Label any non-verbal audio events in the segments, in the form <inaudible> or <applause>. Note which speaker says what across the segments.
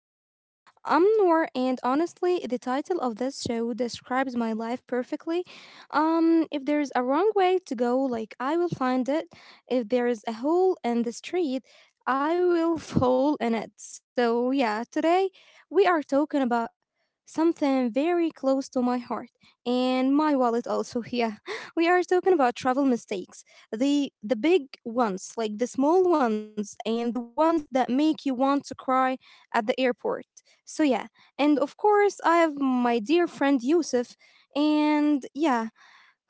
Speaker 1: Compass. I'm Noor, and honestly, the title of this show describes my life perfectly. If there's a wrong way to go, like I will find it. If there is a hole in the street, I will <laughs> fall in it. So, yeah, today we are talking about something very close to my heart and my wallet also. <laughs> Yeah, we are talking about travel mistakes, the big ones, like the small ones, and the ones that make you want to cry at the airport. So yeah. And of course I have my dear friend Yusuf, and yeah,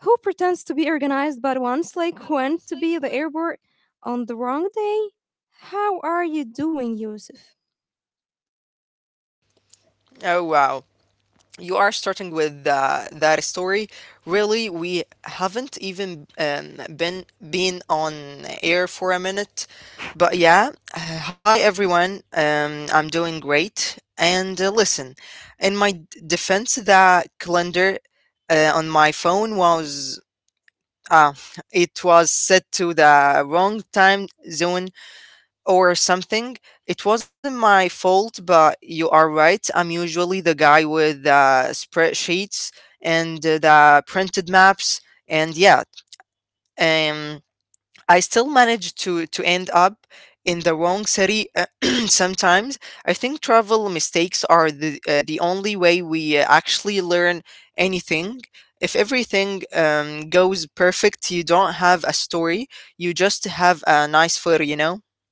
Speaker 1: who pretends to be organized but once like <laughs> went to be at the airport on the wrong day. How are you doing, Yusuf?
Speaker 2: Oh, wow. You are starting with that story. Really, we haven't even been on air for a minute, but yeah. Hi everyone. I'm doing great. And listen, in my defense, the calendar on my phone was uh, it was set to the wrong time zone or something. It wasn't my fault, but you are right. I'm usually the guy with spreadsheets and the printed maps, and yeah, um, I still manage to end up in the wrong city <clears throat> sometimes. I think travel mistakes are the only way we actually learn anything. If everything goes perfect, you don't have a story. You just have a nice photo, you know.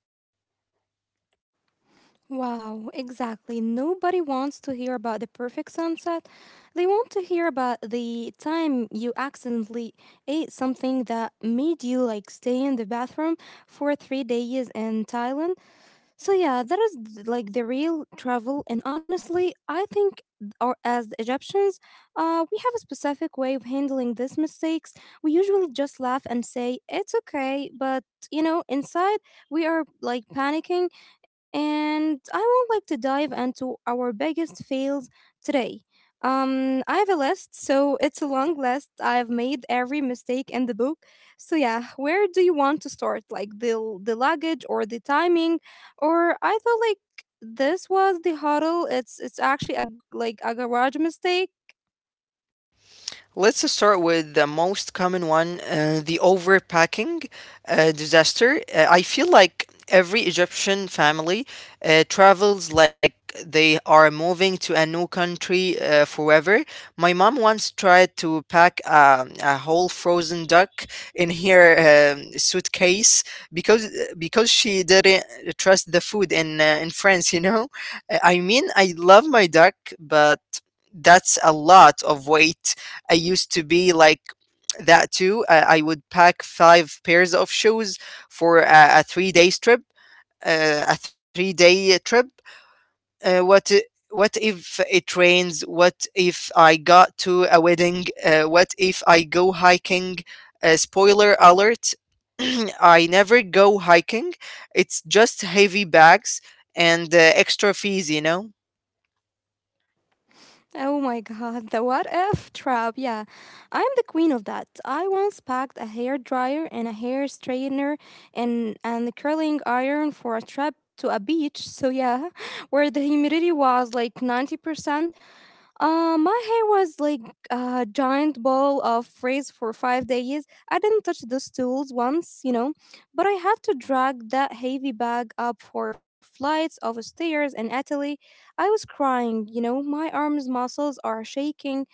Speaker 1: Wow, exactly. Nobody wants to hear about the perfect sunset. They want to hear about the time you accidentally ate something that made you like stay in the bathroom for 3 days in Thailand. So yeah, that is like the real travel. And honestly, I think, or as the Egyptians, we have a specific way of handling these mistakes. We usually just laugh and say it's okay, but you know, inside we are like panicking. And I would like to dive into our biggest fails today. I have a list, so it's a long list. I've made every mistake in the book. So yeah, where do you want to start? Like the luggage or the timing? Or I thought like this was the huddle. It's actually a like a garage mistake.
Speaker 2: Let's start with the most common one, the overpacking disaster. I feel like every Egyptian family travels like they are moving to a new country forever. My mom once tried to pack a whole frozen duck in her suitcase because because she didn't trust the food in France, you know? I mean, I love my duck, but that's a lot of weight. I used to be like that too. I would pack five pairs of shoes for a 3 days trip, a 3 day trip. What if it rains? What if I got to a wedding? What if I go hiking? Spoiler alert: <clears throat> I never go hiking. It's just heavy bags and extra fees, you know.
Speaker 1: Oh my god, the what if trap. Yeah. I'm the queen of that. I once packed a hair dryer and a hair straightener and curling iron for a trip to a beach. So yeah, <laughs> where the humidity was like 90%. My hair was like a giant ball of frizz for 5 days. I didn't touch those tools once, you know, but I had to drag that heavy bag up four flights of stairs in Italy. I was crying, you know, my arms muscles are shaking.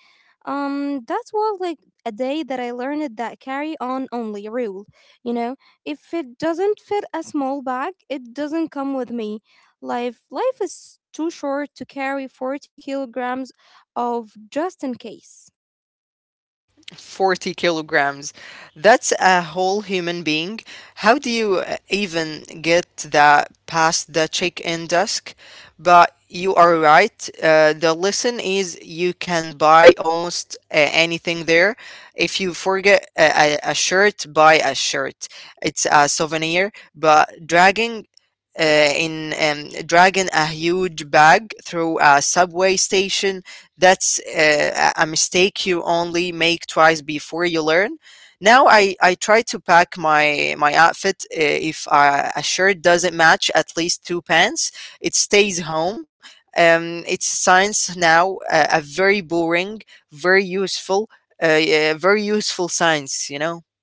Speaker 1: That was like a day that I learned that carry on only rule. You know, if it doesn't fit a small bag, it doesn't come with me. Life is too short to carry 40 kilograms of just in case.
Speaker 2: 40 kilograms. That's a whole human being. How do you even get that past the check in desk? But you are right. The lesson is you can buy almost anything there. If you forget a shirt, buy a shirt. It's a souvenir. But uh, dragging a huge bag through a subway station. That's a mistake you only make twice before you learn. Now I try to pack my outfit. If a shirt doesn't match at least two pants, it stays home. It's science now, a very boring, very useful, yeah, very useful science. You know.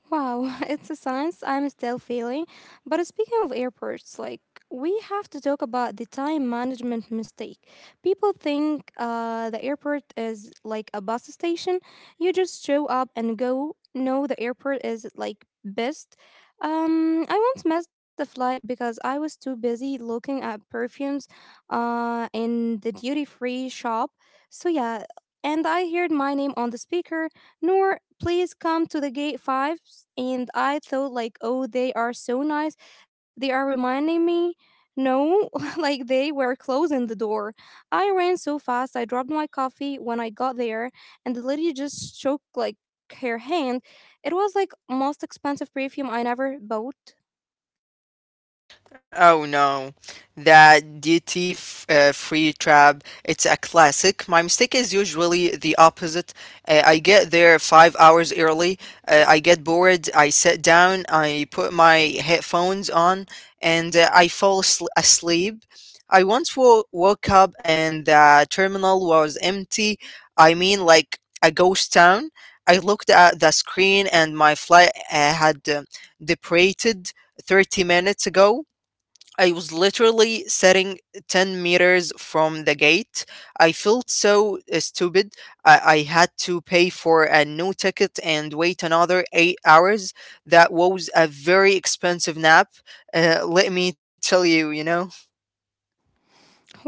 Speaker 1: Wow, <laughs> it's a science I'm still feeling. But speaking of airports, like we have to talk about the time management mistake. People think the airport is like a bus station. You just show up and go. No, the airport is like best. I once missed the flight because I was too busy looking at perfumes in the duty free shop. So, yeah, and I heard my name on the speaker. Nor, please come to the gate 5. And I thought like, oh, they are so nice. They are reminding me. No, <laughs> like they were closing the door. I ran so fast. I dropped my coffee when I got there, and the lady just shook like her hand. It was like most expensive perfume I never bought.
Speaker 2: Oh no, that DT free trap, it's a classic. My mistake is usually the opposite. I get there 5 hours early, I get bored, I sit down, I put my headphones on, and I fall asleep. I once woke up and the terminal was empty. I mean, like a ghost town. I looked at the screen and my flight had departed 30 minutes ago. I was literally sitting 10 meters from the gate. I felt so stupid. I had to pay for a new ticket and wait another 8 hours. That was a very expensive nap. Let me tell you, you know.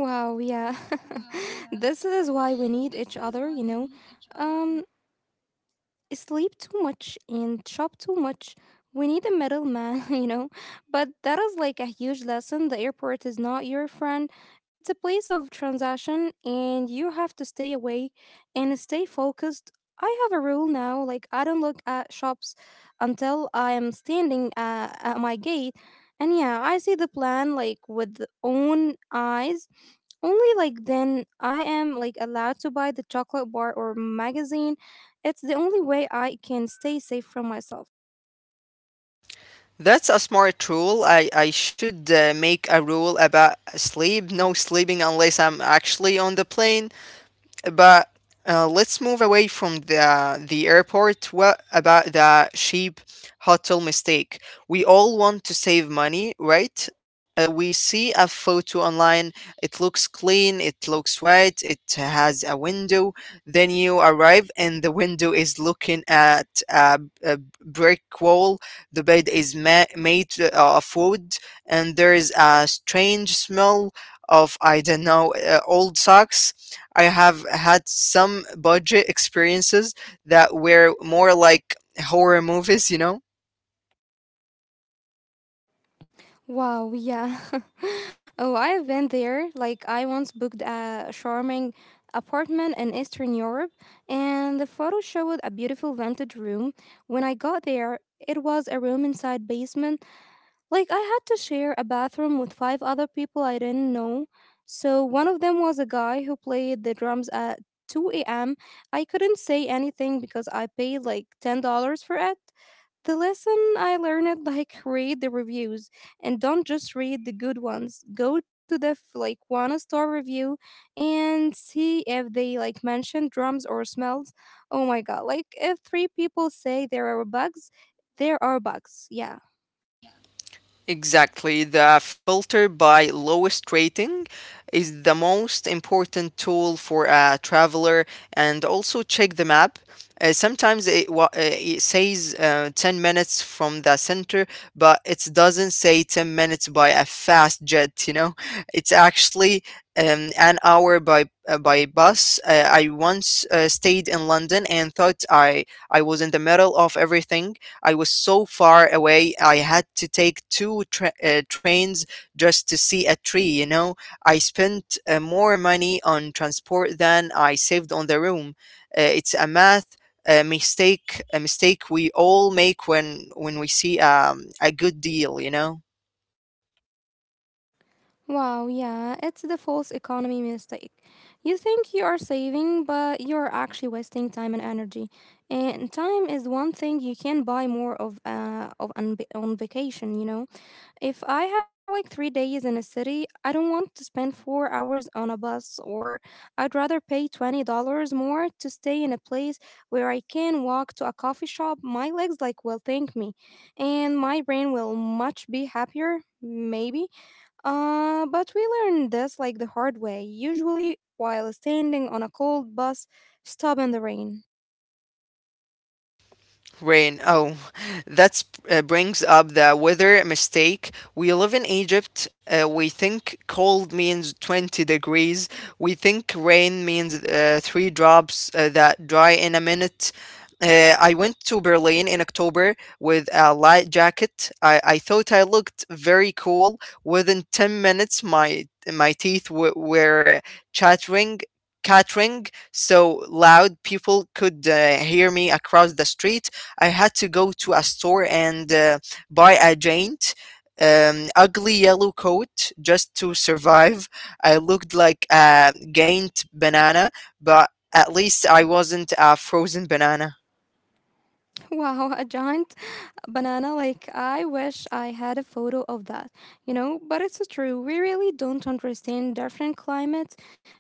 Speaker 1: Wow, yeah. <laughs> This is why we need each other, you know. Um Sleep too much and shop too much. We need a middleman, <laughs> you know. But that is like a huge lesson. The airport is not your friend. It's a place of transaction and you have to stay away and stay focused. I have a rule now, like I don't look at shops until I am standing at my gate. And yeah, I see the plan like with own eyes. Only like then I am like allowed to buy the chocolate bar or magazine. It's the only way I can stay safe from myself.
Speaker 2: That's a smart rule. I should make a rule about sleep. No sleeping unless I'm actually on the plane. But let's move away from the airport. What about the cheap hotel mistake? We all want to save money, right? We see a photo online. It looks clean. It looks white. It has a window. Then you arrive, and the window is looking at a brick wall. The bed is made of wood, and there is a strange smell of I don't know old socks. I have had some budget experiences that were more like horror movies, you know?
Speaker 1: Wow, yeah. <laughs> Oh, I've been there. Like, I once booked a charming apartment in Eastern Europe, and the photo showed a beautiful vintage room. When I got there, it was a room inside basement. Like, I had to share a bathroom with five other people I didn't know. So, one of them was a guy who played the drums at 2 a.m. I couldn't say anything because I paid like $10 for it. The lesson I learned, like read the reviews, and don't just read the good ones. Go to the like one star review and see if they like mention drums or smells. Oh my god, like if three people say there are bugs, there are bugs. Yeah.
Speaker 2: Exactly. The filter by lowest rating is the most important tool for a traveler, and also check the map. Sometimes it says 10 minutes from the center, but it doesn't say 10 minutes by a fast jet, you know? <laughs> It's actually an hour by bus. I once stayed in London and thought I was in the middle of everything. I was so far away. I had to take two trains just to see a tree, you know. I spent more money on transport than I saved on the room. It's a math mistake, a mistake we all make when we see a good deal, you know.
Speaker 1: Wow, yeah, it's the false economy mistake. You think you are saving, but you're actually wasting time and energy. And time is one thing you can buy more of on vacation, you know? If I have like 3 days in a city, I don't want to spend 4 hours on a bus, or I'd rather pay $20 more to stay in a place where I can walk to a coffee shop. My legs, like, will thank me, and my brain will much be happier, maybe. But we learned this like the hard way, usually while standing on a cold bus, stop in the rain.
Speaker 2: Rain. Oh, that brings up the weather mistake. We live in Egypt. We think cold means 20 degrees. We think rain means three drops that dry in a minute. I went to Berlin in October with a light jacket. I thought I looked very cool. Within 10 minutes, my teeth were chattering, chattering so loud people could hear me across the street. I had to go to a store and buy a giant ugly yellow coat just to survive. I looked like a giant banana, but at least I wasn't a frozen banana.
Speaker 1: <laughs> Wow, a giant banana, like I wish I had a photo of that, you know. But it's so true, we really don't understand different climates.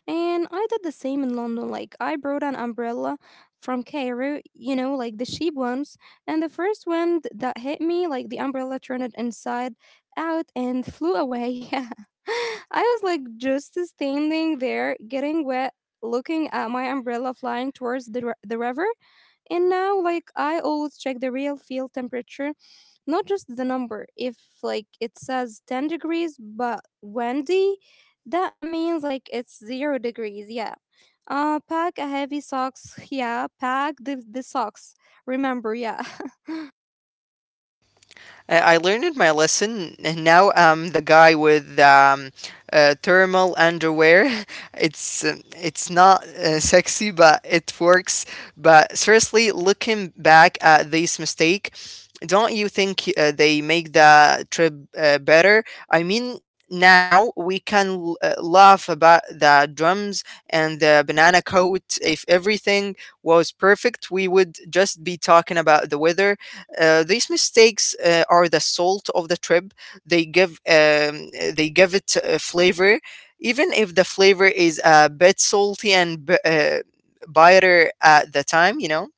Speaker 1: And I did the same in London. Like, I brought an umbrella from Cairo, you know, like the cheap ones, and the first wind that hit me, like the umbrella turned it inside out and flew away. <laughs> Yeah, I was like just standing there getting wet looking at my umbrella flying towards the river. And now like I always check the real field temperature, not just the number. If like it says 10 degrees but windy, that means like it's 0 degrees. Yeah. Pack a heavy socks. <laughs> Yeah, pack the socks. Remember. Yeah. <laughs>
Speaker 2: I learned my lesson, and now I'm the guy with thermal underwear. <laughs> It's not sexy, but it works. But seriously, looking back at this mistake, don't you think they make the trip better? I mean, now we can laugh about the drums and the banana coat. If everything was perfect, we would just be talking about the weather. These mistakes are the salt of the trip. They give it flavor, even if the flavor is a bit salty and bitter at the time. You know.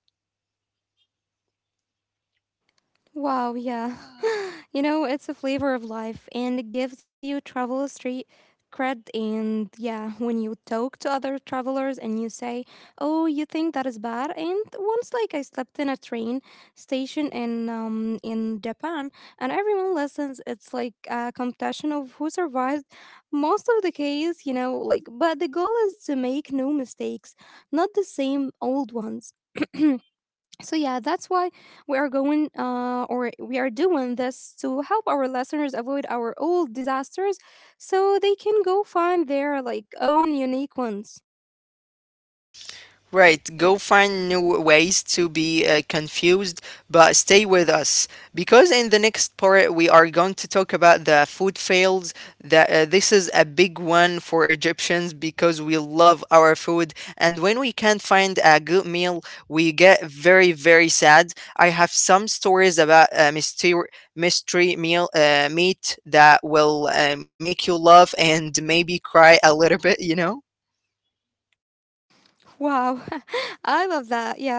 Speaker 1: Wow, yeah. <laughs> You know, it's a flavor of life and it gives you travel street cred. And yeah, when you talk to other travelers and you say, oh, you think that is bad. And once, like, I slept in a train station in Japan, and everyone listens. It's like a competition of who survived most of the case, you know, like, but the goal is to make no mistakes, not the same old ones. <clears throat> So yeah, that's why we are going or we are doing this to help our listeners avoid our old disasters, so they can go find their like own unique ones.
Speaker 2: Right, go find new ways to be confused, but stay with us because in the next part we are going to talk about the food fails. That this is a big one for Egyptians because we love our food, and when we can't find a good meal, we get very very sad. I have some stories about mystery meal meat that will make you laugh and maybe cry a little bit, you know?
Speaker 1: Wow. <laughs> I love that. Yeah.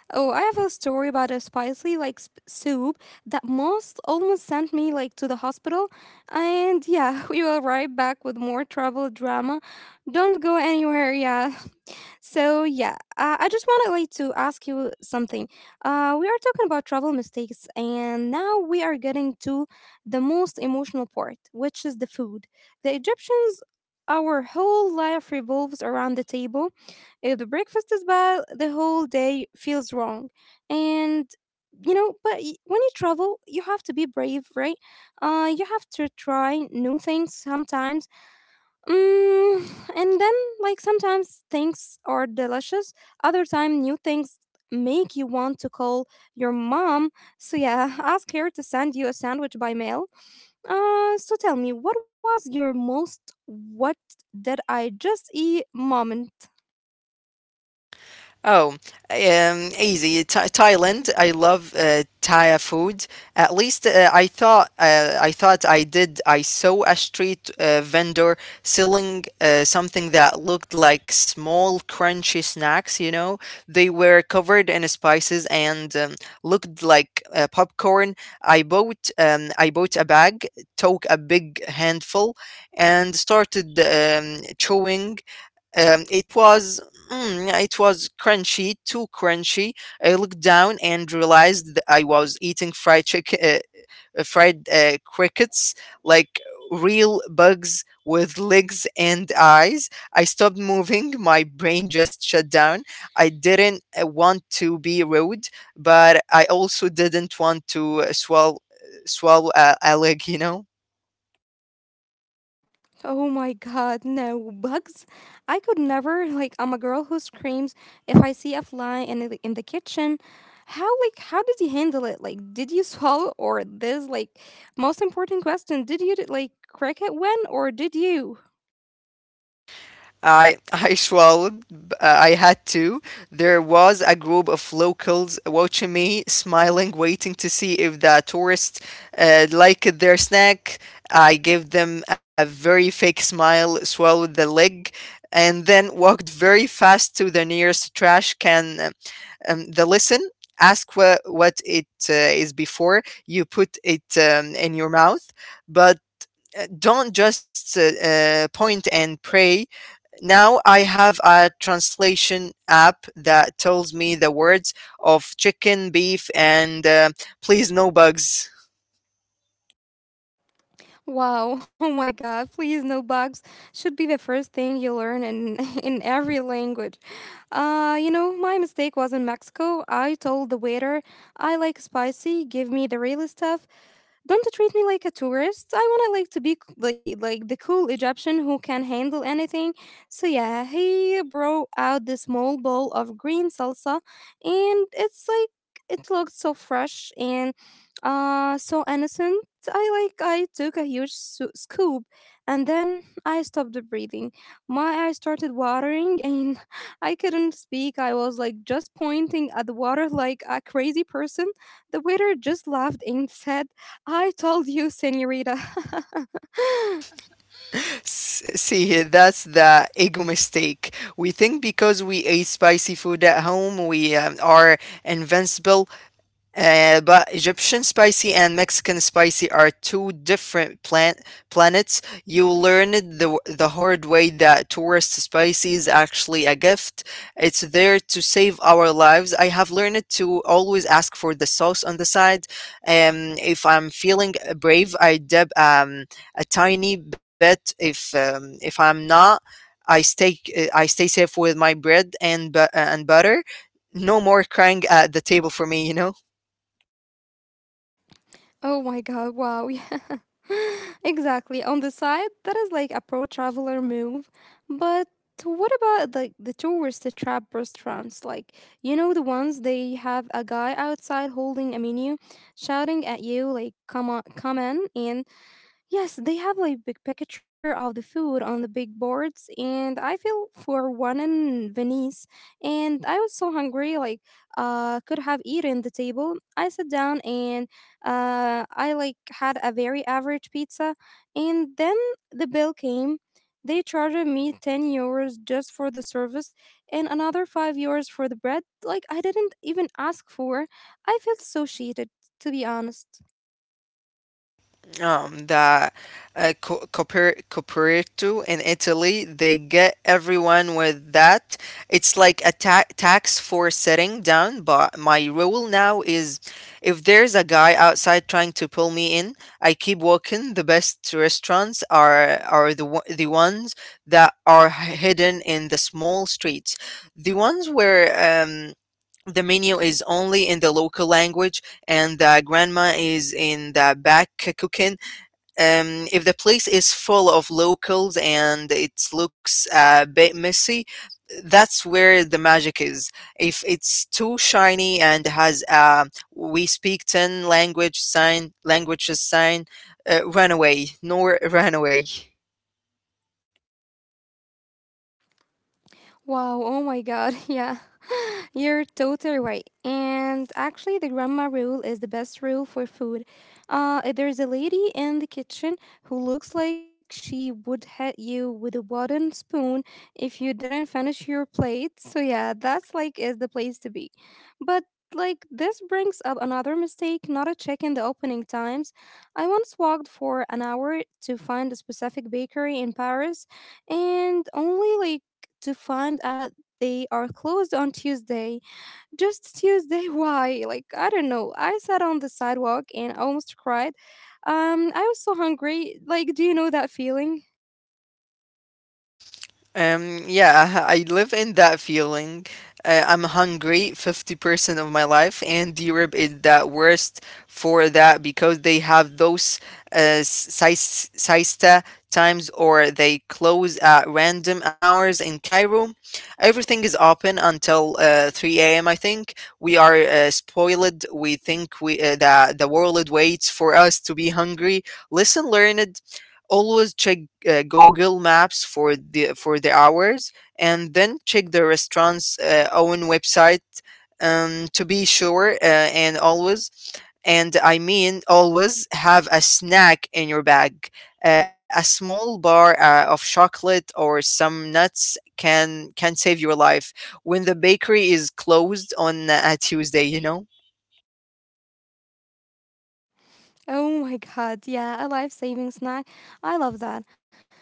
Speaker 1: Oh, I have a story about a spicy like soup that most almost sent me like to the hospital. And yeah, <laughs> we will right back with more travel drama. Don't go anywhere. Yeah. So yeah, I just wanted like to ask you something. We are talking about travel mistakes, and now we are getting to the most emotional part, which is the food. The Egyptians, our whole life revolves around the table. If the breakfast is bad, the whole day feels wrong, and you know. But when you travel, you have to be brave, right? You have to try new things sometimes. Mm, and then, like, sometimes things are delicious. Other time, new things make you want to call your mom. So yeah, <laughs> ask her to send you a sandwich by mail. So tell me, what was your most what did I just eat moment?
Speaker 2: Oh, easy. Thailand. I love Thai food. At least I thought I did. I saw a street vendor selling something that looked like small crunchy snacks. You know, they were covered in spices and looked like popcorn. I bought. I bought a bag, took a big handful, and started chewing. Um, it was yeah, it was crunchy, too crunchy. I looked down and realized that I was eating fried crickets, like real bugs with legs and eyes. I stopped moving. My brain just shut down. I didn't want to be rude, but I also didn't want to swallow a leg. You know.
Speaker 1: Oh my god, no bugs. I could never, like I'm a girl who screams if I see a fly in in the kitchen. How, like how did you handle it? Like did you <laughs> swallow or this like most important question, did you like crack it when or did you?
Speaker 2: I <laughs> I swallowed. I had to. There was a group of locals watching me, smiling, waiting to see if the tourists liked their snack. I gave them a very fake smile, swallowed the leg, and then walked very fast to the nearest trash can. The listen. Ask what it is before you put it in your mouth, but don't just point and pray. Now I have a translation app that tells me the words of chicken, beef, and please no bugs.
Speaker 1: Wow, <laughs> oh my god, please no bugs should be the first thing you learn in <laughs> in every language. You know, my mistake was in Mexico. I told the waiter, I like spicy, give me the real stuff. Don't treat me like a tourist. I want to like to be like the cool Egyptian who can handle anything. So yeah, he brought out this small bowl of green salsa, and it's like it looked so fresh and so innocent. I like I took a huge scoop, and then I stopped breathing. My eyes started watering and <laughs> I couldn't speak. I was like just pointing at the water like a crazy person. The waiter just laughed and said, I told you, senorita. <laughs>
Speaker 2: See, that's the ego mistake. We think because we ate spicy food at home, we are invincible. But Egyptian spicy and Mexican spicy are two different plant planets. You learned the hard way that tourist spicy is actually a gift. It's there to save our lives. I have learned to always ask for the sauce on the side. If I'm feeling brave, I dab a tiny bit. If I'm not, I stay I stay safe with my bread and and butter. No more crying at the table for me, you know.
Speaker 1: Oh my god, wow. Yeah. <laughs> Exactly. On the side, that is like a pro traveler move. But what about like the tourist trap restaurants? Like, you know, the ones they have a guy outside holding a menu, shouting at you, like, come on, come in. And yes, they have like big picture of the food on the big boards, and I feel for one in Venice, and I was so hungry, like could have eaten the table. I sat down and I like had a very average pizza, and then the bill came. They charged me €10 just for the service, and another €5 for the bread. Like I didn't even ask for. I felt so cheated, to be honest.
Speaker 2: The Coperto in Italy. They get everyone with that. It's like a tax for sitting down, but my rule now is if there's a guy outside trying to pull me in, I keep walking. The best restaurants are the ones that are hidden in the small streets. The ones where the menu is only in the local language and the grandma is in the back cooking. If the place is full of locals and it looks a bit messy, that's where the magic is. If it's too shiny and has a "we speak ten languages" sign, run away, nor run away.
Speaker 1: Wow! Oh my god! <laughs> Yeah. You're totally right. And actually, the grandma rule is the best rule for food. There's a lady in the kitchen who looks like she would hit you with a wooden spoon if you didn't finish your plate. So yeah, that's like is the place to be. But like this brings up another mistake, not a check in the opening times. I once walked for an hour to find a specific bakery in Paris and only like to find out they are closed on Tuesday. Just Tuesday? <laughs> Why? Like, I don't know. I sat on the sidewalk and almost cried. I was so hungry. Like, do you know that feeling?
Speaker 2: Yeah, I live in that feeling. I'm hungry 50% of my life, and Europe is that worst for that because they have those siesta times or they close at random hours. In Cairo, everything is open until 3 a.m. I think we are spoiled. We think we that the world waits for us to be hungry. Listen, learned. Always check Google Maps for the hours, and then check the restaurant's own website to be sure. And always, and I mean always, have a snack in your bag. A small bar of chocolate or some nuts can save your life when the bakery is closed on a Tuesday.
Speaker 1: Oh my god, yeah, a life saving snack. I love that.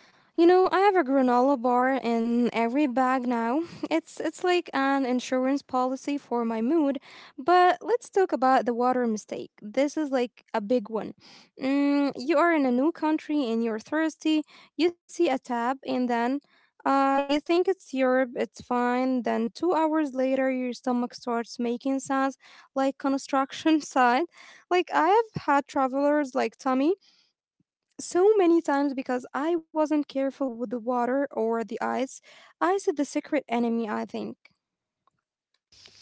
Speaker 1: You know, I have a granola bar in every bag now. It's like an insurance policy for my mood. But let's talk about the water mistake. This is like a big one. Mm, you are in a new country and you're thirsty. You see a tap and then you think it's Europe, it's fine. Then 2 hours later, your stomach starts making sounds like construction <laughs> site. Like I have had travelers like Tommy so many times because I wasn't careful with the water or the ice. Ice is the secret enemy, I think.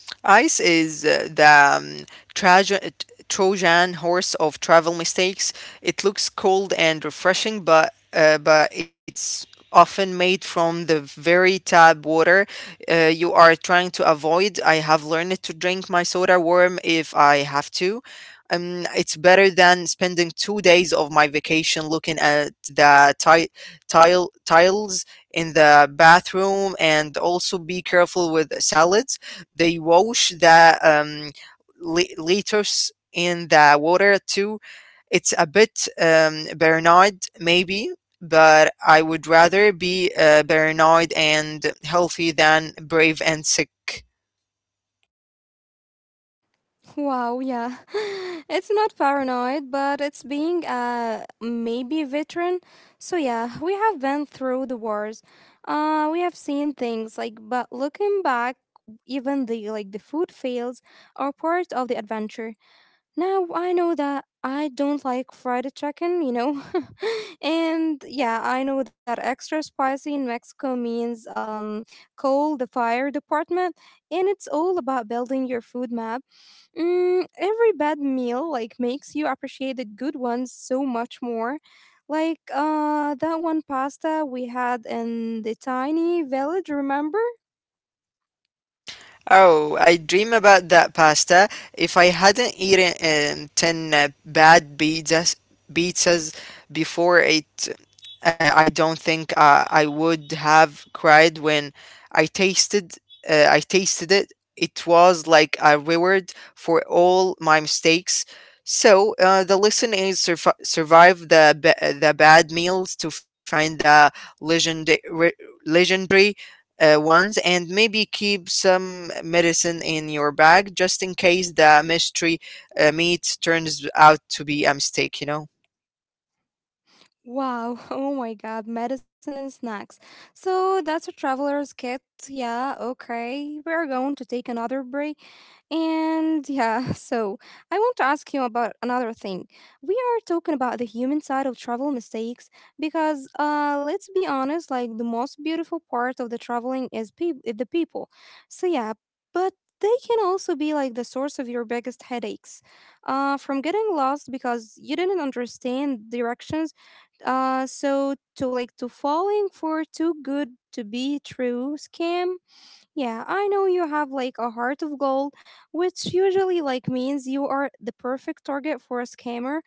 Speaker 2: Ice is the Trajan, Trojan horse of travel mistakes. It looks cold and refreshing, but it's often made from the very tap water you are trying to avoid. I have learned to drink my soda warm if I have to. It's better than spending 2 days of my vacation looking at the tile tiles in the bathroom. And also, be careful with salads, they wash the lettuce in the water too. It's a bit paranoid, maybe, but I would rather be paranoid and healthy than brave and sick.
Speaker 1: Wow, yeah. <laughs> It's not paranoid, but it's being a maybe veteran. So yeah, we have been through the wars. Uh, we have seen things like but looking back even the like the food fails are part of the adventure. Now I know that I don't like fried chicken, you know. <laughs> And yeah, I know that extra spicy in Mexico means um, call the fire department, and it's all about building your food map. Mm, every bad meal like makes you appreciate the good ones so much more. Like uh, that one pasta we had in the tiny village, remember?
Speaker 2: Oh, I dream about that pasta. If I hadn't eaten 10 bad pizzas before it, I don't think I would have cried when I tasted I tasted it. It was like a reward for all my mistakes. So the lesson is survive the bad meals to find the legendary legendary ones, and maybe keep some medicine in your bag just in case the mystery meat turns out to be a mistake, you know?
Speaker 1: Wow, <laughs> oh my god, medicine and snacks. So that's a traveler's kit. Yeah, okay. We're going to take another break. And yeah, <laughs> so I want to ask you about another thing. We are talking about the human side of travel mistakes because, let's be honest, like the most beautiful part of the traveling is peop the people. So yeah, but they can also be like the source of your biggest headaches, from getting lost because you didn't understand directions, so to like to falling for too good to be true scam, yeah, I know you have like a heart of gold, which usually like means you are the perfect target for a scammer.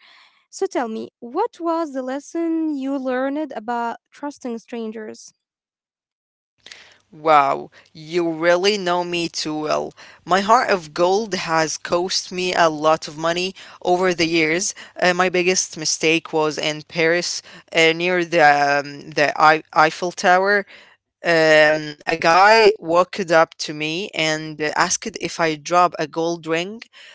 Speaker 1: So tell me, what was the lesson you learned about trusting strangers?
Speaker 2: Wow, you really know me too well. My heart of gold has cost me a lot of money over the years. My biggest mistake was in Paris, near the Eiffel Tower. A guy walked up to me and asked if I drop a gold ring.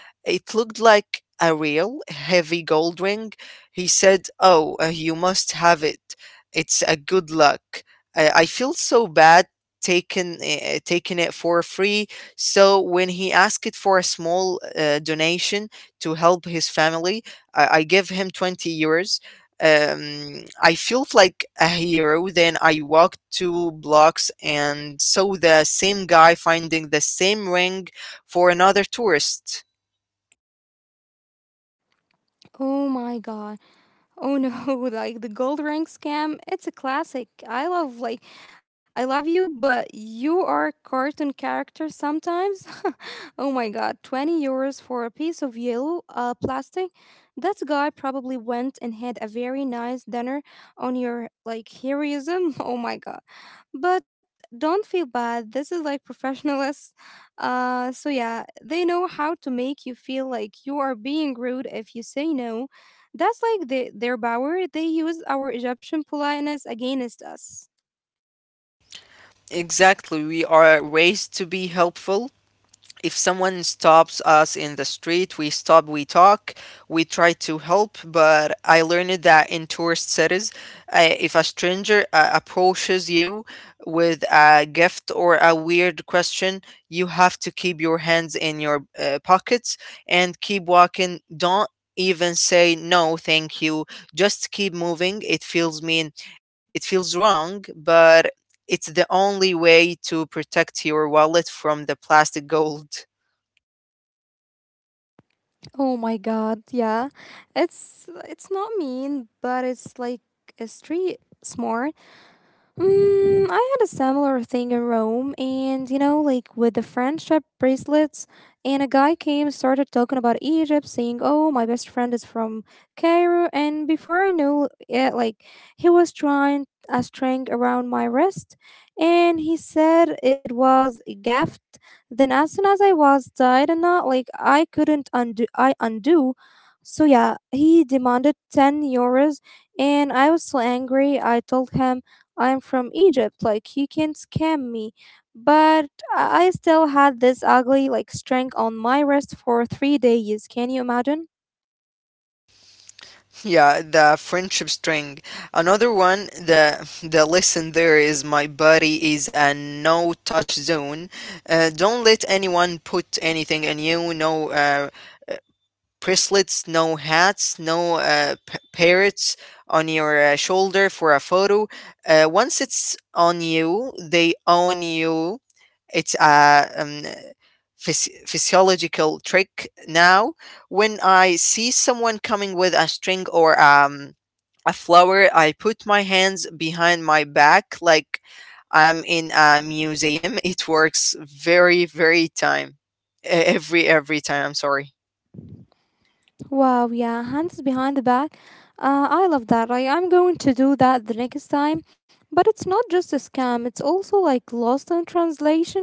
Speaker 2: It looked like a real heavy gold ring. He said, "Oh, you must have it. It's a good luck. I feel so bad taking it for free." So when he asked for a small donation to help his family, I give him €20. I felt like a hero. Then I walked two blocks and saw the same guy finding the same ring for another tourist.
Speaker 1: Oh my god. Oh no, <laughs> like the gold ring scam, it's a classic. I love like I love you, but you are a cartoon character sometimes. <laughs> Oh my god, 20 euros for a piece of yellow plastic. That guy probably went and had a very nice dinner on your like heroism. <laughs> Oh my god. But don't feel bad. This is like professionals. Uh, so yeah, they know how to make you feel like you are being rude if you say no, that's like their power. They use our Egyptian politeness against us.
Speaker 2: Exactly, we are raised to be helpful. If someone stops us in the street, we stop, we talk, we try to help. But I learned that in tourist cities, if a stranger approaches you with a gift or a weird question, you have to keep your hands in your pockets and keep walking. Don't even say no, thank you. Just keep moving. It feels mean. It feels wrong, but it's the only way to protect your wallet from the plastic gold. <laughs>
Speaker 1: Oh my god, yeah. It's not mean, but it's like a street smart. Mm, I had a similar thing in Rome, and you know, like with the friendship bracelets. And a guy came and started talking about Egypt, saying, "Oh, my best friend is from Cairo." And before I knew it, like he was trying a string around my wrist, and he said it was a gift. Then, as soon as I was tied a knot, like I couldn't undo, I undo. So yeah, he demanded €10, and I was so angry. I told him I'm from Egypt. Like, you can't scam me. But I still had this ugly, like, string on my wrist for 3 days. Can you imagine?
Speaker 2: Yeah, the friendship string. Another one, the lesson there is my body is a no touch zone. Don't let anyone put anything in you. No, bracelets, no hats, no parrots on your shoulder for a photo. Once it's on you, they own you. It's a physiological trick now. When I see someone coming with a string or a flower, I put my hands behind my back like I'm in a museum. <laughs> It works very, very time. E- every time. I'm sorry.
Speaker 1: Wow, yeah, hands behind the back. I love that. I'm going to do that the next time. But it's not just a scam, it's also like lost in translation.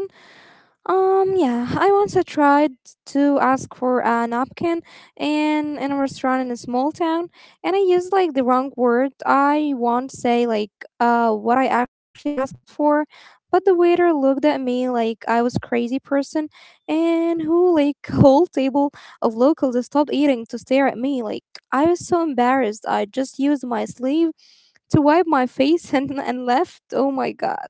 Speaker 1: Yeah, I tried to ask for a napkin in a restaurant in a small town, and I used like the wrong word. I won't say like what I actually asked it for, but the waiter looked at me like I was crazy person, and who like <laughs> whole table of locals stopped eating to stare at me. Like I was so embarrassed. I just used my sleeve to wipe my face <laughs> and left. Oh my god.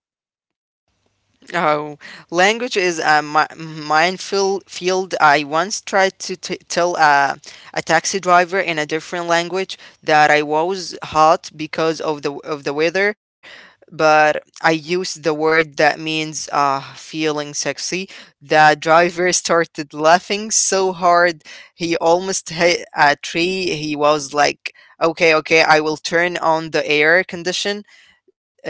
Speaker 2: Oh, language is a minefield. Field. I once tried to tell a taxi driver in a different language that I was hot because of the weather, but I used the word that means feeling sexy. The driver <laughs> started laughing so hard he almost hit a tree. He was like, "Okay, okay, I will turn on the air condition."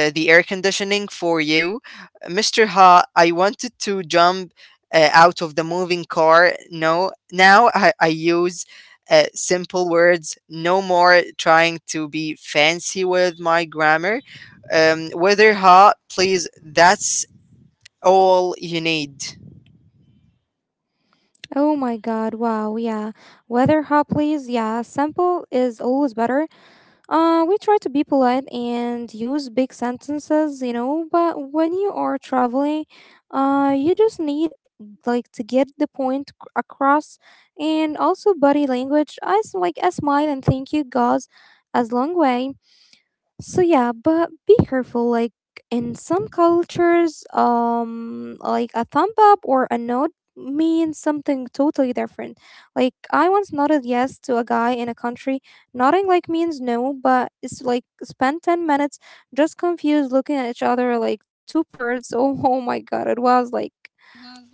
Speaker 2: the air conditioning for you. Mr. Ha, I wanted to jump out of the moving car. No, now I use simple words, no more trying to be fancy with my grammar. Weather Ha, please, that's all you need.
Speaker 1: Oh my god, wow, yeah. Weather please. Yeah, simple is always better. Uh, we try to be polite and use big sentences, you know, but when you are traveling, uh, you just need like to get the point across, and also body language. Like a smile and thank you goes as long way. So yeah, but be careful. Like in some cultures, like a thumb up or a nod means something totally different. Like I once nodded yes to a guy in a country. Nodding like means no, but it's like spend 10 minutes just confused looking at each other like two birds. <laughs> Oh, oh my god, it was like yeah.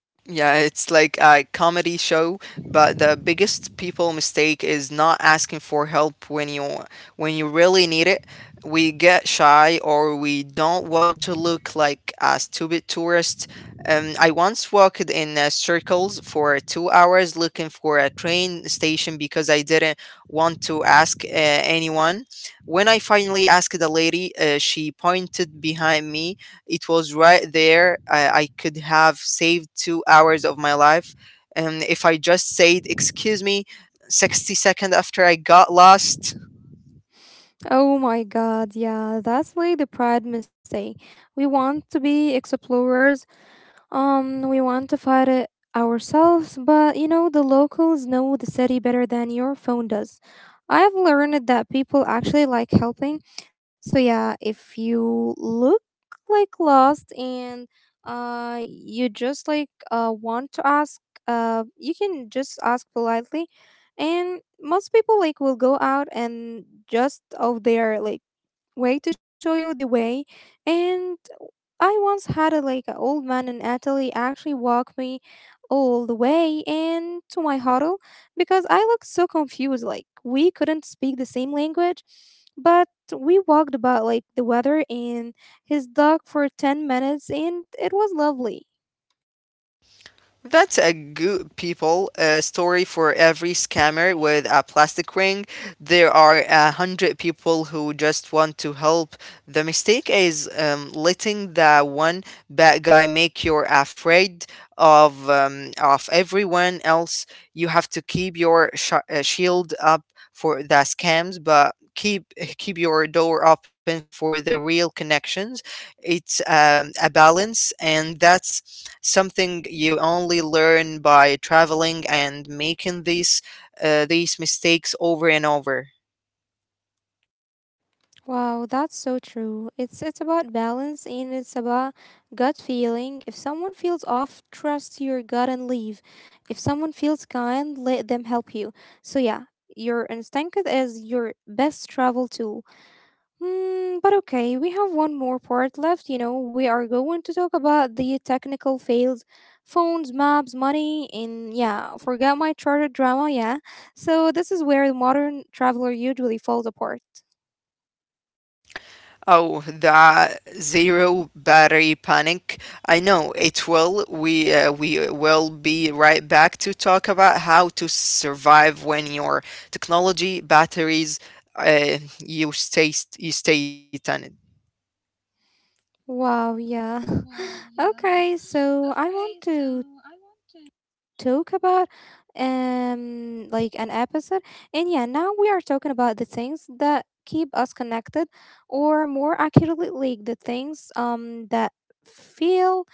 Speaker 2: Yeah, it's like a comedy show, but the biggest people mistake is not asking for help when you really need it. We get shy, or we don't want to look like a stupid tourist. I once walked in circles for 2 hours looking for a train station because I didn't want to ask anyone. When I finally asked the lady, she pointed behind me. It was right there. I could have saved 2 hours of my life, And if I just said, excuse me, 60 seconds after I got lost.
Speaker 1: Oh my god, yeah. That's like the pride mistake. We want to be explorers. We want to fight it ourselves, but you know, the locals know the city better than your phone does. I've learned that people actually like helping. So, yeah, if you look like lost and you just like want to ask, you can just ask politely. And most people like will go out and just of their like way to show you the way. And I once had like an old man in Italy actually walk me all the way in to my huddle because I looked so confused. Like we couldn't speak the same language, but we walked about like the weather and his dog for 10 minutes, and it was lovely.
Speaker 2: That's a good people story. For every scammer with a plastic ring, there are a hundred people who just want to help. The mistake is letting the one bad guy make you afraid of everyone else. You have to keep your shield up for the scams, but keep your door open for the real connections. It's a balance, and that's something you only learn by traveling and making these mistakes over and over.
Speaker 1: Wow, that's so true. It's about balance and it's about gut feeling. If someone feels off, trust your gut and leave. If someone feels kind, let them help you. So yeah, your instinct is your best travel tool. Hmm, but okay, we have one more part left, you know. We are going to talk about the technical fails, phones, maps, money, and yeah, forget my charter drama, yeah. So this is where the modern traveler usually falls apart.
Speaker 2: Oh, the zero battery panic. I know it will, we will be right back to talk about how to survive when your technology batteries. Uh, you stay you stay on it.
Speaker 1: Wow, yeah. <laughs> Okay, so I want to talk about um, like an episode. And yeah, now we are talking about the things that keep us connected, or more accurately like the things um, that feel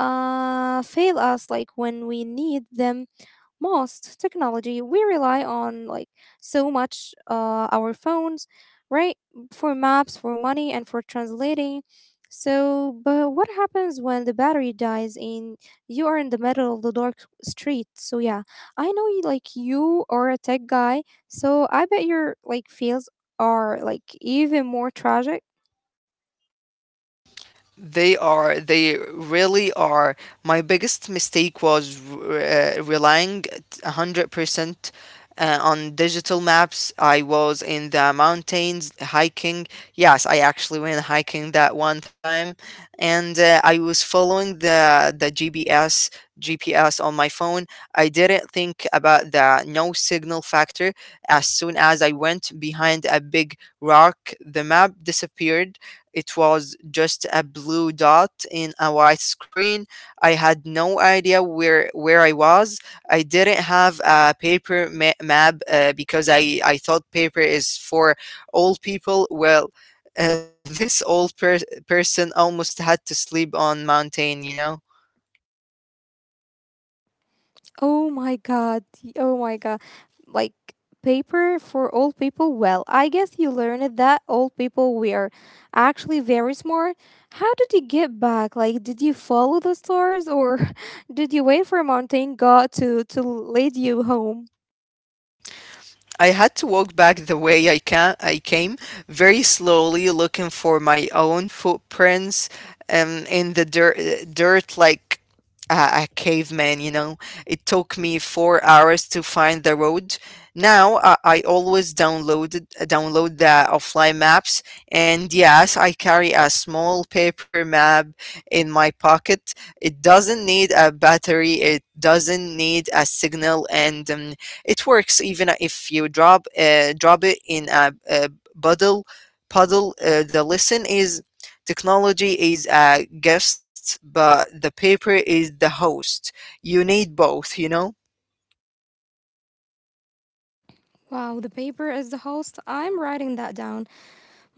Speaker 1: uh, fail us like when we need them most. Technology we rely on like so much, our phones, right, for maps, for money and for translating. So but what happens when the battery dies and you are in the middle of the dark street? So yeah, I know you like you are a tech guy, so I bet your like feels are like even more tragic.
Speaker 2: They are, they really are. My biggest mistake was relying 100% on digital maps. I was in the mountains hiking. Yes, I actually went hiking that one time. And I was following the GPS on my phone. I didn't think about the no signal factor. As soon as I went behind a big rock, the map disappeared. It was just a blue dot in a white screen. I had no idea where I was. I didn't have a paper map because I thought paper is for old people. Well, <laughs> this person almost had to sleep on mountain, you know.
Speaker 1: Oh my god. Oh my god. Like paper for old people? Well, I guess you learned that old people were actually very smart. How did you get back? Like did you follow the stars or <laughs> did you wait for a mountain god to lead you home?
Speaker 2: I had to walk back the way I came, very slowly, looking for my own footprints in the dirt, like a caveman. You know, it took me 4 hours to find the road. Now I always downloaded download the offline maps, and yes, I carry a small paper map in my pocket. It doesn't need a battery. It doesn't need a signal, and it works even if you drop it in a puddle. puddle. The lesson is technology is a guest, but the paper is the host. You need both. You know.
Speaker 1: Wow, the paper is the host. I'm writing that down.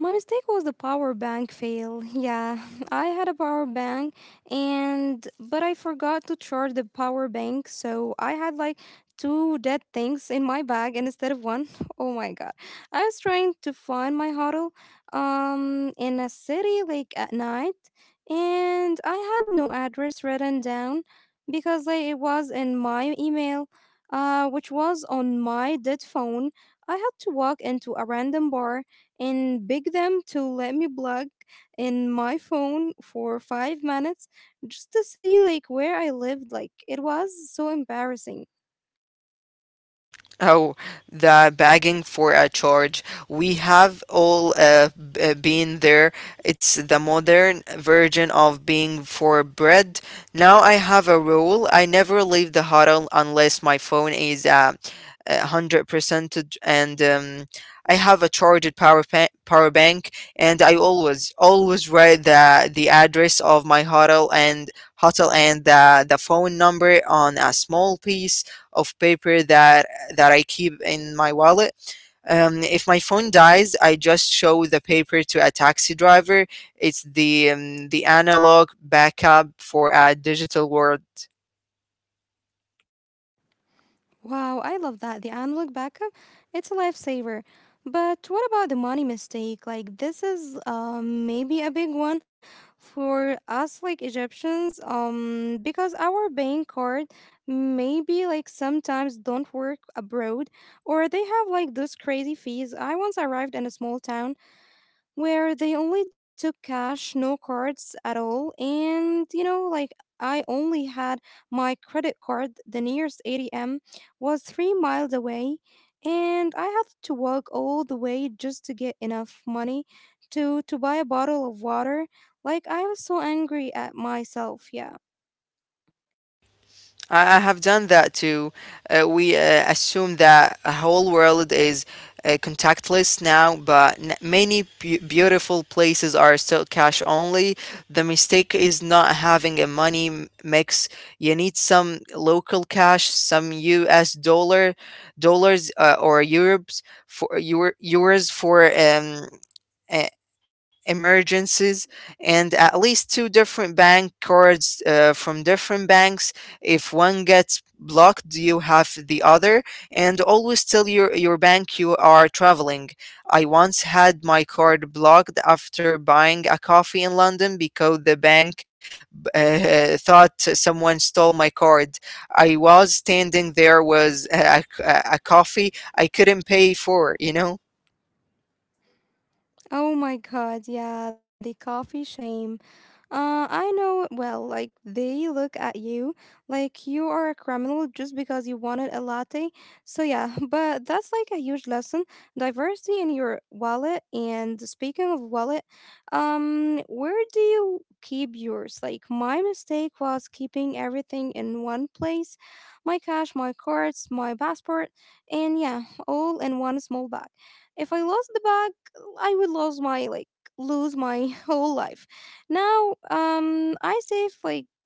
Speaker 1: My mistake was the power bank fail. Yeah, <laughs> I had a power bank and but I forgot to charge the power bank, so I had like two dead things in my bag and instead of one. <laughs> Oh my god. I was trying to find my huddle um, in a city like at night, and I had no address written down because like it was in my email uh, which was on my dead phone. I had to walk into a random bar and beg them to let me plug in my phone for 5 minutes just to see like where I lived. Like it was so embarrassing.
Speaker 2: Oh, the begging for a charge. We have all been there. It's the modern version of being for bread. Now I have a rule. I never leave the hut unless my phone is 100%, and I have a charged power bank. And I always always write the address of my hotel and the phone number on a small piece of paper that I keep in my wallet. If my phone dies, I just show the paper to a taxi driver. It's the analog backup for a digital world.
Speaker 1: Wow, I love that. The analog backup, it's a lifesaver. But what about the money mistake? Like this is maybe a big one for us like Egyptians because our bank card maybe like sometimes don't work abroad, or they have like those crazy fees. I once arrived in a small town where they only took cash, no cards at all. Like I only had my credit card. The nearest ATM was 3 miles away. And I had to walk all the way just to get enough money to buy a bottle of water. Like, I was so angry at myself. Yeah.
Speaker 2: I have done that too. We assume that a whole world is contactless now, but many beautiful places are still cash only. The mistake is not having a money mix. You need some local cash, some U.S. dollars or euros for e- emergencies, and at least two different bank cards from different banks. If one gets blocked, you have the other. And always tell your bank you are traveling. I once had my card blocked after buying a coffee in London, because the bank <laughs> thought someone stole my card. I was standing there was a coffee I couldn't pay for, you know.
Speaker 1: Oh my God. Yeah. The coffee shame. I know it well, like they look at you like you are a criminal just because you wanted a latte. So, yeah, <laughs> but that's like a huge lesson. Diversity in your wallet. And speaking of wallet, where do you keep yours? Like, my mistake was keeping everything in one place: my cash, my cards, my passport, and yeah, all in one small bag. If I lost the bag, I would lose my, like, lose my <laughs> whole life. Now, I save like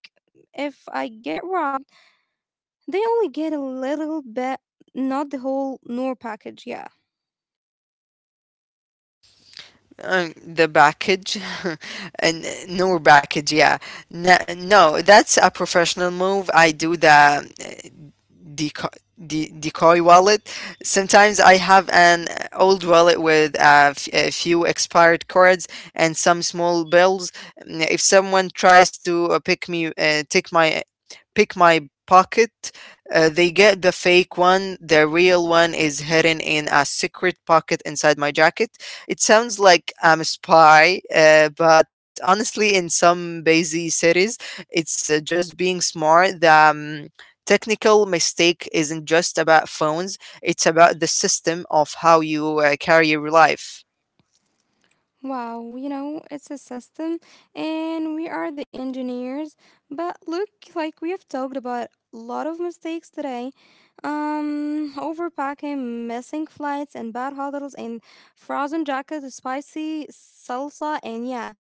Speaker 1: if I get robbed, they only get a little bit, not the whole Noor package. Yeah.
Speaker 2: Um, the package <laughs> and no package. Yeah, no, no, that's a professional move. I do the decoy, decoy wallet. Sometimes I have an old wallet with a few expired cards and some small bills. Mm, if someone tries to pick my pocket, they get the fake one. The real one is hidden in a secret pocket inside my jacket. It sounds like I'm a spy, but honestly, in some busy cities, it's just being smart. The technical mistake isn't just about phones, it's about the system of how you carry your life.
Speaker 1: Wow, you know, it's a system, and we are the engineers. But look, like we have talked about a lot of mistakes today. Overpacking, missing flights, and bad hotels, and frozen jackets, spicy salsa, and yeah,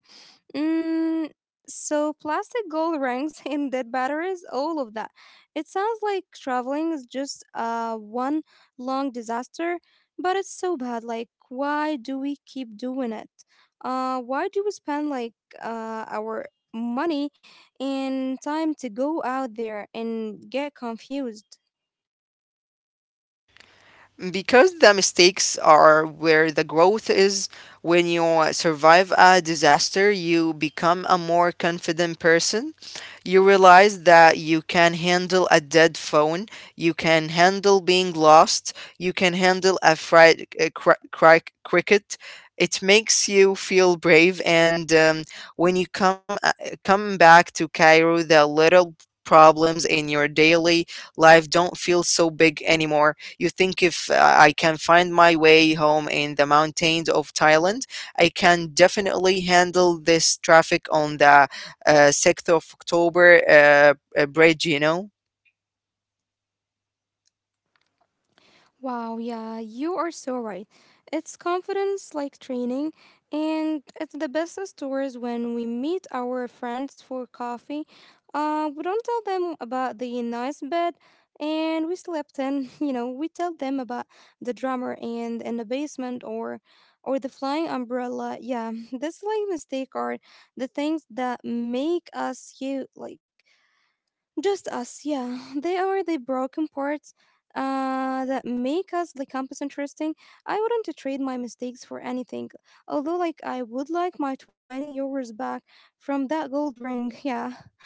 Speaker 1: Mm, so plastic gold rings <laughs> and dead batteries, all of that. It sounds like traveling is just one long disaster, but it's so bad. Like, why do we keep doing it? Why do we spend like our money and time to go out there and get confused?
Speaker 2: Because the mistakes are where the growth is. When you survive a disaster, you become a more confident person. You realize that you can handle a dead phone. You can handle being lost. You can handle a fried cricket. It makes you feel brave. And when you come back to Cairo, the little problems in your daily life don't feel so big anymore. You think, if I can find my way home in the mountains of Thailand, I can definitely handle this traffic on the 6th of October bridge, you know?
Speaker 1: Wow, yeah, you are so right. It's confidence like training, and it's the best stories when we meet our friends for coffee. We don't tell them about the nice bed and we slept in, <laughs> you know, we tell them about the drummer and in the basement, or the flying umbrella. Yeah, <laughs> this like mistake are the things that make us you like just us, yeah. They are the broken parts that make us the campus interesting. I wouldn't trade my mistakes for anything, although, like, I would like my 20 euros back from that gold ring. Yeah. <laughs>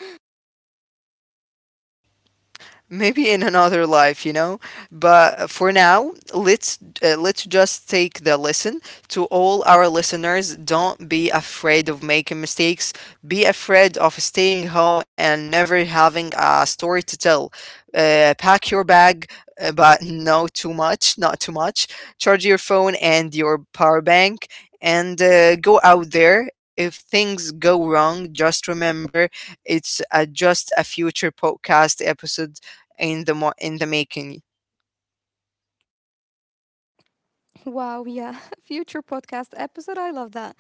Speaker 2: Maybe in another life, you know, but for now, let's just take the lesson. To all our listeners, don't be afraid of making mistakes. Be afraid of staying home and never having a story to tell. Pack your bag, but no too much, not too much. Charge your phone and your power bank. And go out there. If things go wrong, just remember it's just a future podcast episode in in the making.
Speaker 1: Wow, yeah. <laughs> Future podcast episode. I love that.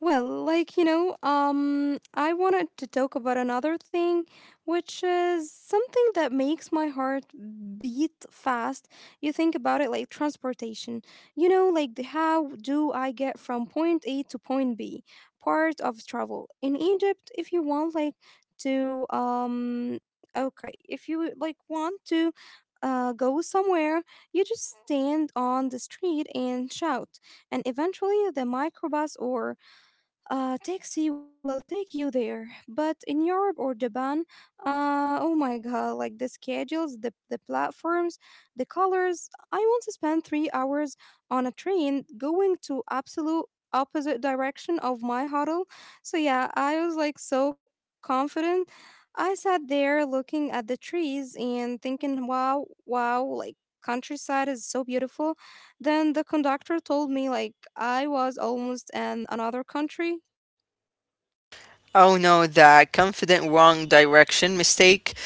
Speaker 1: Well, like, you know, I wanted to talk about another thing, which is something that makes my heart beat fast. You think about it like transportation. You know, like the how do I get from point A to point B? Part of travel. In Egypt, if you want like to okay, if you like want to go somewhere, you just stand on the street and shout, and eventually the microbus or a taxi will take you there. But in Europe or Japan, oh my god, like the schedules, the platforms, the colors. I want to spend 3 hours on a train going to absolute opposite direction of my huddle. So yeah, I was like so confident. I sat there looking at the trees and thinking, wow, wow, like countryside is so beautiful. Then the conductor told me like I was almost in another country.
Speaker 2: Oh no, that confident wrong direction mistake.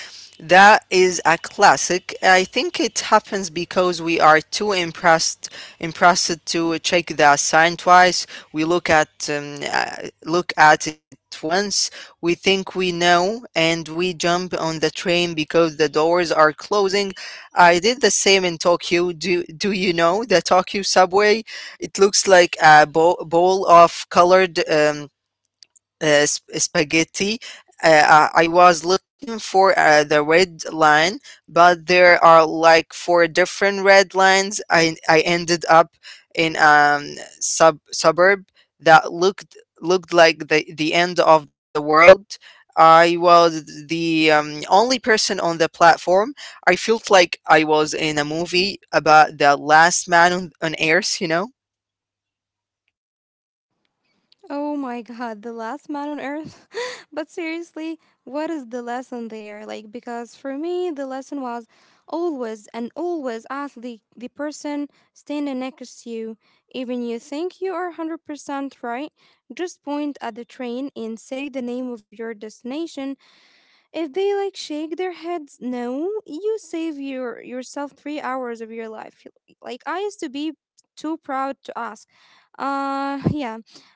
Speaker 2: That is a classic. I think it happens because we are too impressed to check the sign twice. We look at it once. We think we know, and we jump on the train because the doors are closing. I did the same in Tokyo. Do you know the Tokyo subway? It looks like a bowl of colored spaghetti. I was looking for the red line, but there are like four different red lines. I ended up in suburb that looked like the end of the world. I was the only person on the platform. I felt like I was in a movie about the last man on Earth, you know.
Speaker 1: Oh my god, the last man on earth. <laughs> but seriously, what is the lesson there? Like, because for me, the lesson was always and always ask the person standing next to you. Even you think you are 100% right, just point at the train and say the name of your destination. If they like shake their heads, no, you save your yourself 3 hours of your life. Like, I used to be too proud to ask. Yeah.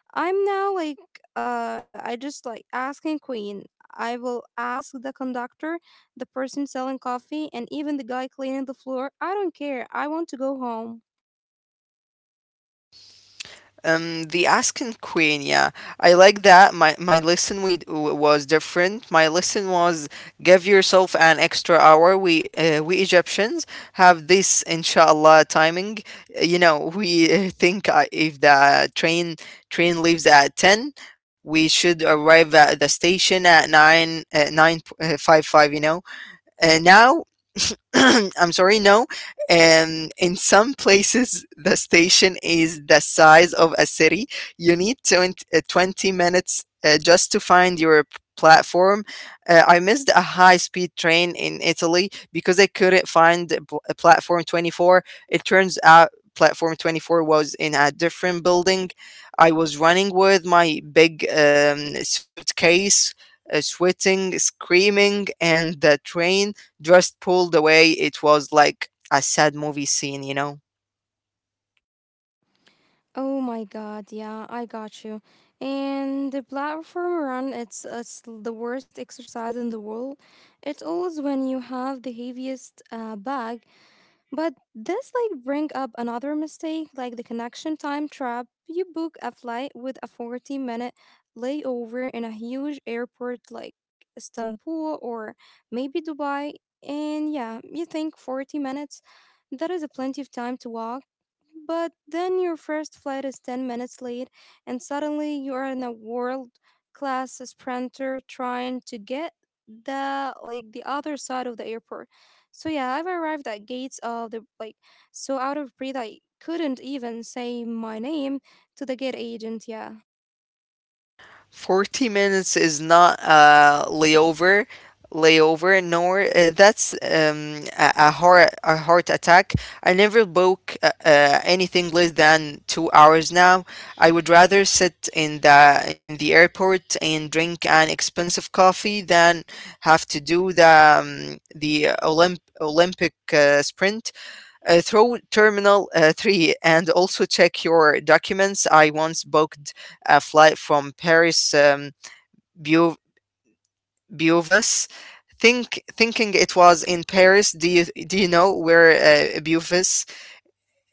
Speaker 1: I'm now like I just like asking Queen. I will ask the conductor, the person selling coffee, and even the guy cleaning the floor. I don't care. I want to go home.
Speaker 2: The asking queen, yeah, I like that. My lesson was different. My lesson was give yourself an extra hour. We Egyptians have this inshallah timing. You know, we think if the train leaves at 10, we should arrive at the station at nine five. You know. And now <clears throat> I'm sorry, no. In some places, the station is the size of a city. You need 20 minutes just to find your platform. I missed a high speed train in Italy because I couldn't find a platform 24. It turns out platform 24 was in a different building. I was running with my big suitcase. Sweating, screaming, and the train just pulled away. It was like a sad movie scene, you know.
Speaker 1: Oh my god, yeah, I got you. And the platform run, it's the worst exercise in the world. It's always when you have the heaviest bag. But this like bring up another mistake, like the connection time trap. You book a flight with a 40-minute layover in a huge airport like Istanbul or maybe Dubai, and yeah, you think 40 minutes, that is a plenty of time to walk, but then your first flight is 10 minutes late, and suddenly you are in a world class sprinter trying to get the like the other side of the airport. So yeah, I've arrived at gates of the like so out of breath I couldn't even say my name to the gate agent, yeah.
Speaker 2: 40 minutes is not a layover, nor that's a heart attack. I never book anything less than 2 hours now. I would rather sit in the airport and drink an expensive coffee than have to do the Olympic sprint. Through terminal 3. And also check your documents. I once booked a flight from Paris, Beau- Beauvais, thinking it was in Paris. Do you know where Beauvais?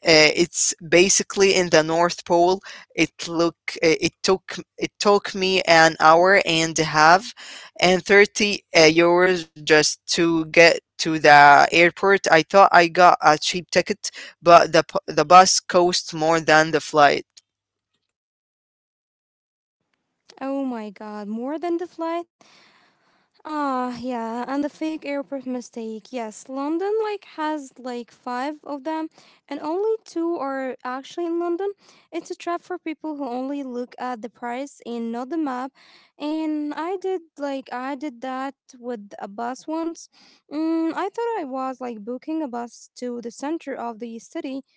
Speaker 2: It's basically in the North Pole. It look it took me an hour and a half, and thirty euros just to get to the airport. I thought I got a cheap ticket, but the bus cost more than the flight.
Speaker 1: Oh my god, more than the flight? Ah, yeah, and the fake airport mistake. Yes, London like has like 5 of them, and only two are actually in London. It's a trap for people who only look at the price and not the map. And I did like I did that with a bus once. Mm, I thought I was like booking a bus to the center of the city,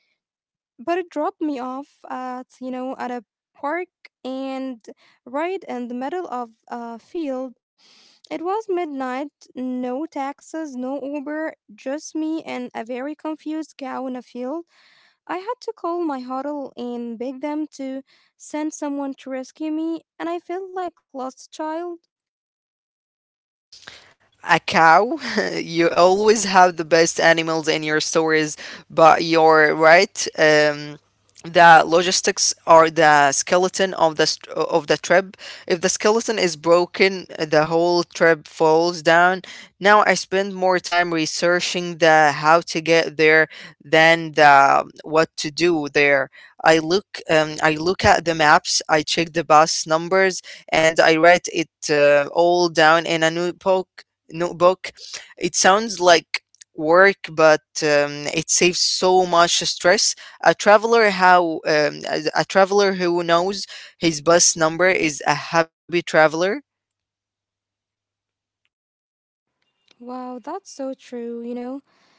Speaker 1: but it dropped me off at you know at a park and right in the middle of a field. It was midnight, no taxis, no Uber, just me and a very confused cow in a field. I had to call my huddle and beg them to send someone to rescue me, and I felt like lost child.
Speaker 2: A cow. <laughs> You always have the best animals in your stories, but you're right. The logistics are the skeleton of of the trip. If the skeleton is broken, the whole trip falls down. Now I spend more time researching the how to get there than the what to do there. I look at the maps. I check the bus numbers. And I write it all down in a notebook. It sounds like work, but it saves so much stress. A traveler who knows his bus number is a happy traveler.
Speaker 1: Wow, that's so true, you know.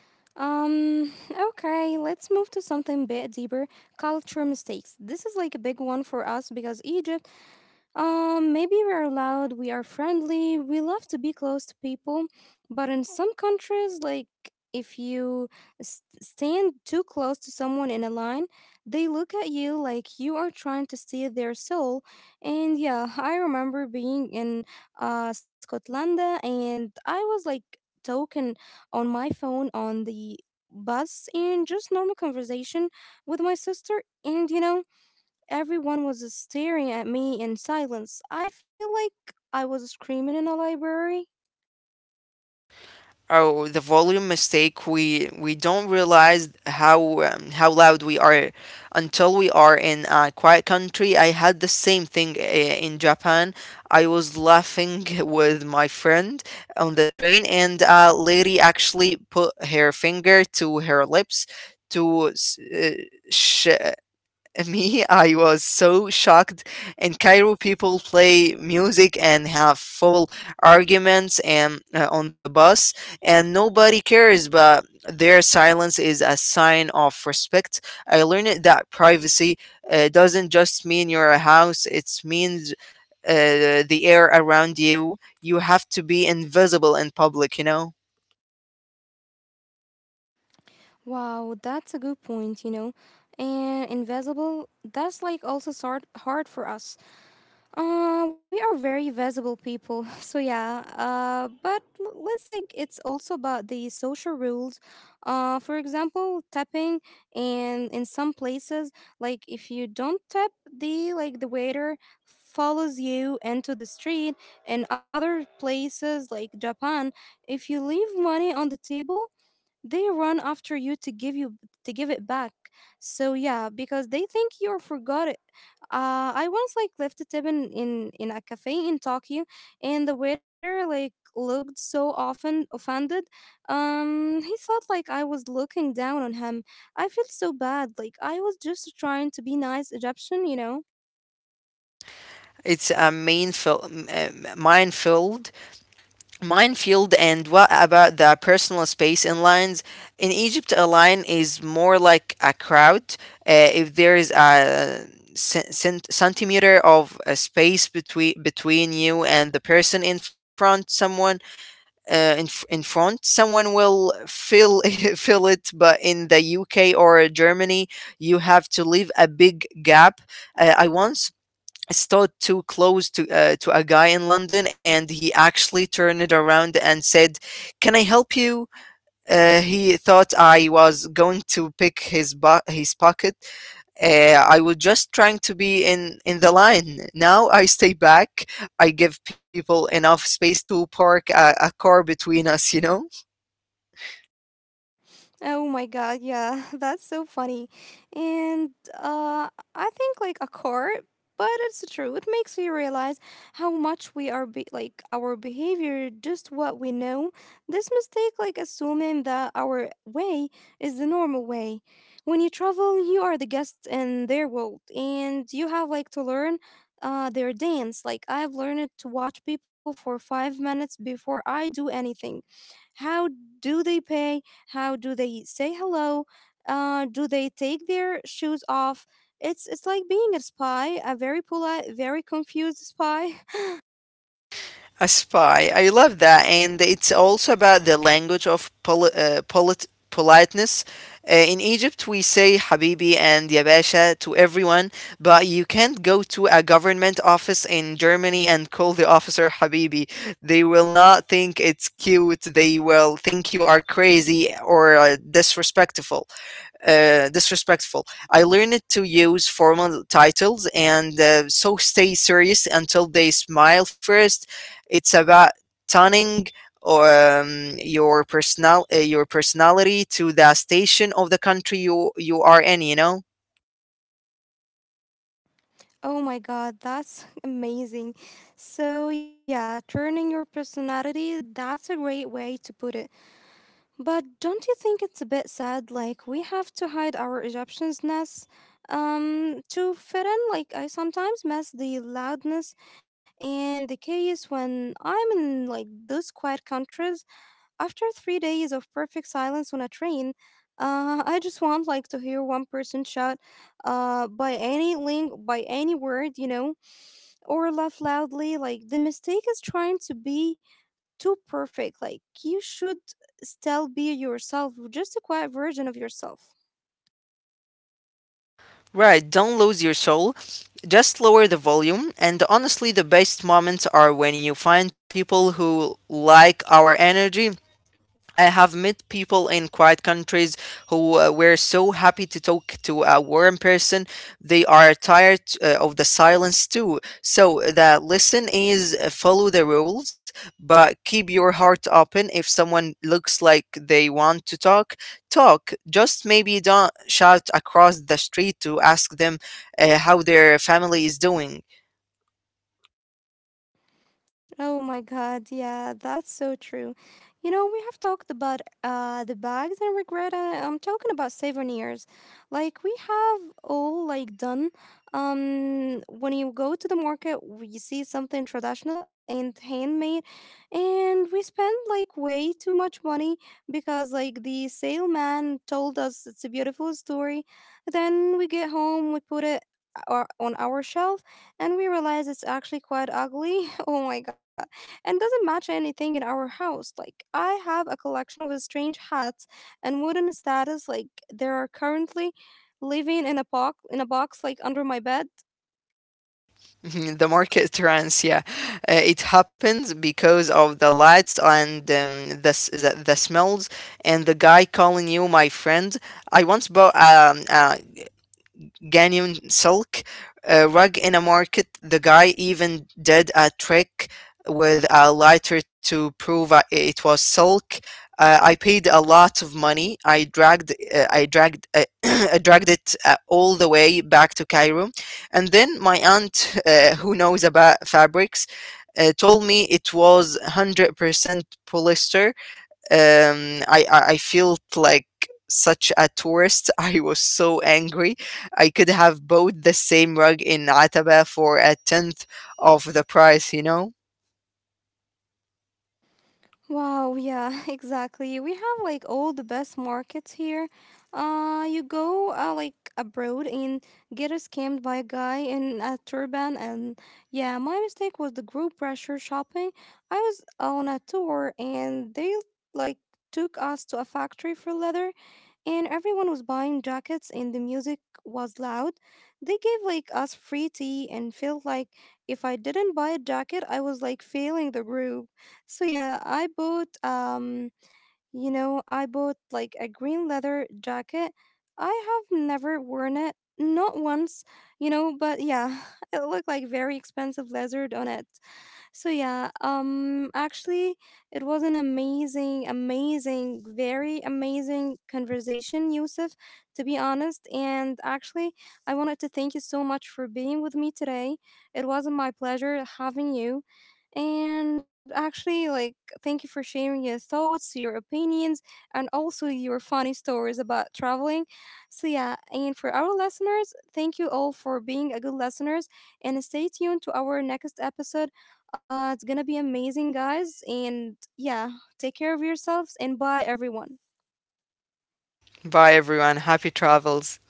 Speaker 1: Um, <sighs> okay, let's move to something a bit deeper, culture mistakes. This is like a big one for us because Egypt maybe we're loud, we are friendly, we love to be close to people, but in some countries, like if you stand too close to someone in a line, they look at you like you are trying to steal their soul. And yeah, <laughs> I remember being in Scotland, and I was like talking on my phone on the bus and just normal conversation with my sister. And you know, everyone was staring at me in silence. I feel like I was screaming in a library.
Speaker 2: Oh, the volume mistake. We don't realize how loud we are until we are in a quiet country. I had the same thing in Japan. I was laughing <laughs> with my friend on the train, and a lady actually put her finger to her lips to sh- me. I was so shocked. In Cairo, people play music and have full arguments and on the bus, and nobody cares. But their silence is a sign of respect. I learned that privacy doesn't just mean your house; it means the air around you. You have to be invisible in public, you know.
Speaker 1: Wow, that's a good point, you know. And invisible, that's like also sort hard for us. We are very visible people, <laughs> so yeah. But let's like it's also about the social rules. For example, tapping and in some places, like if you don't tap, the like the waiter follows you into the street. In other places, like Japan, if you leave money on the table, they run after you to give it back. So yeah, because they think you forgot. I once like left a tip in, in a cafe in Tokyo, and the waiter like looked so often offended. He thought like I was looking down on him. I felt so bad. Like I was just trying to be nice Egyptian, you know.
Speaker 2: It's a main minefield. And what about the personal space in lines? In Egypt, a line is more like a crowd. If there is a centimeter of a space between you and the person in front, someone in, f- in front, someone will fill <laughs> fill it. But in the UK or Germany, you have to leave a big gap. I once stood too close to to a guy in London, and he actually turned it around and said, "Can I help you?" He thought I was going to pick his pocket. Uh, I was just trying to be in the line. Now I stay back. I give people enough space to park a car between us, you know.
Speaker 1: Oh my god, yeah, <laughs> that's so funny. And uh, I think like a car, but it's true. It makes you realize how much we are like our behavior, just what we know. This mistake, like assuming that our way is the normal way. When you travel, you are the guest in their world, and you have like to learn. Their dance. Like, I have learned to watch people for 5 minutes before I do anything. How do they pay? How do they say hello? Do they take their shoes off? It's like being a spy, a very polite, very confused spy.
Speaker 2: A spy. I love that. And it's also about the language of politeness. In Egypt, we say "habibi" and "ya basha" to everyone, but you can't go to a government office in Germany and call the officer "habibi." They will not think it's cute. They will think you are crazy or disrespectful. I learned to use formal titles and so stay serious until they smile first. It's about turning your personality to the station of the country you are in, you know.
Speaker 1: <laughs> oh my god, that's <laughs> amazing. So yeah, turning your personality, that's a great way to put it. But don't you think it's a bit sad? Like we have to hide our Egyptianness to fit in. Like I sometimes miss the loudness and the chaos when I'm in like those quiet countries. After 3 days of perfect silence on a train, I just want like to hear one person shout, by any link, by any word, you know, or laugh loudly. Like the mistake is trying to be too perfect. Like you should still be yourself, just a quiet version of yourself.
Speaker 2: Right? Don't lose your soul. Just lower the volume. And honestly, the best moments are when you find people who like our energy. I have met people in quiet countries who were so happy to talk to a warm person. They are tired of the silence too. So the lesson is follow the rules, but keep your heart open. If someone looks like they want to talk, talk. Just maybe don't shout across the street to ask them how their family is doing.
Speaker 1: Oh my God, yeah, that's so true. You know, we have talked about the bags and regret. I'm talking about souvenirs. Like we have all like done. When you go to the market, we see something traditional and handmade, and we spend like way too much money because like the salesman told us it's a beautiful story. Then we get home, we put it on our shelf, and we realize it's actually quite ugly. <laughs> oh my god. And doesn't match anything in our house. Like I have a collection of strange hats and wooden status like they are currently living in a box like under my bed.
Speaker 2: <laughs> Mhm. The market trends, yeah, it happens because of the lights and the smells and the guy calling you my friend. I once bought a Ganyan Silk rug in a market. The guy even did a trick with a lighter to prove it was silk. I paid a lot of money. <clears throat> I dragged it all the way back to Cairo, and then my aunt, who knows about fabrics, told me it was 100% polyester. I felt like such a tourist. <laughs> I was so angry. I could have bought the same rug in Ataba for a tenth of the price, you know?
Speaker 1: Wow, yeah, <laughs> exactly. We have like all the best markets here. You go like abroad and get scammed by a guy in a turban, and yeah, my mistake was the group pressure shopping. I was on a tour, and they like took us to a factory for leather, and everyone was buying jackets, and the music was loud. They gave like us free tea and felt like if I didn't buy a jacket, I was like failing the group. So yeah, I bought you know, I bought like a green leather jacket. I have never worn it not once, you know, but yeah, <laughs> it looked like very expensive lizard on it. So yeah, actually it was an amazing amazing very amazing conversation, Yusuf, to be honest, and actually I wanted to thank you so much for being with me today. It was my pleasure having you. And actually, like, thank you for sharing your thoughts, your opinions, and also your funny stories about traveling. So, yeah, and for our listeners, thank you all for being a good listeners and stay tuned to our next episode. It's gonna be amazing, guys. And yeah, take care of yourselves and bye, everyone.
Speaker 2: Bye, everyone. Happy travels.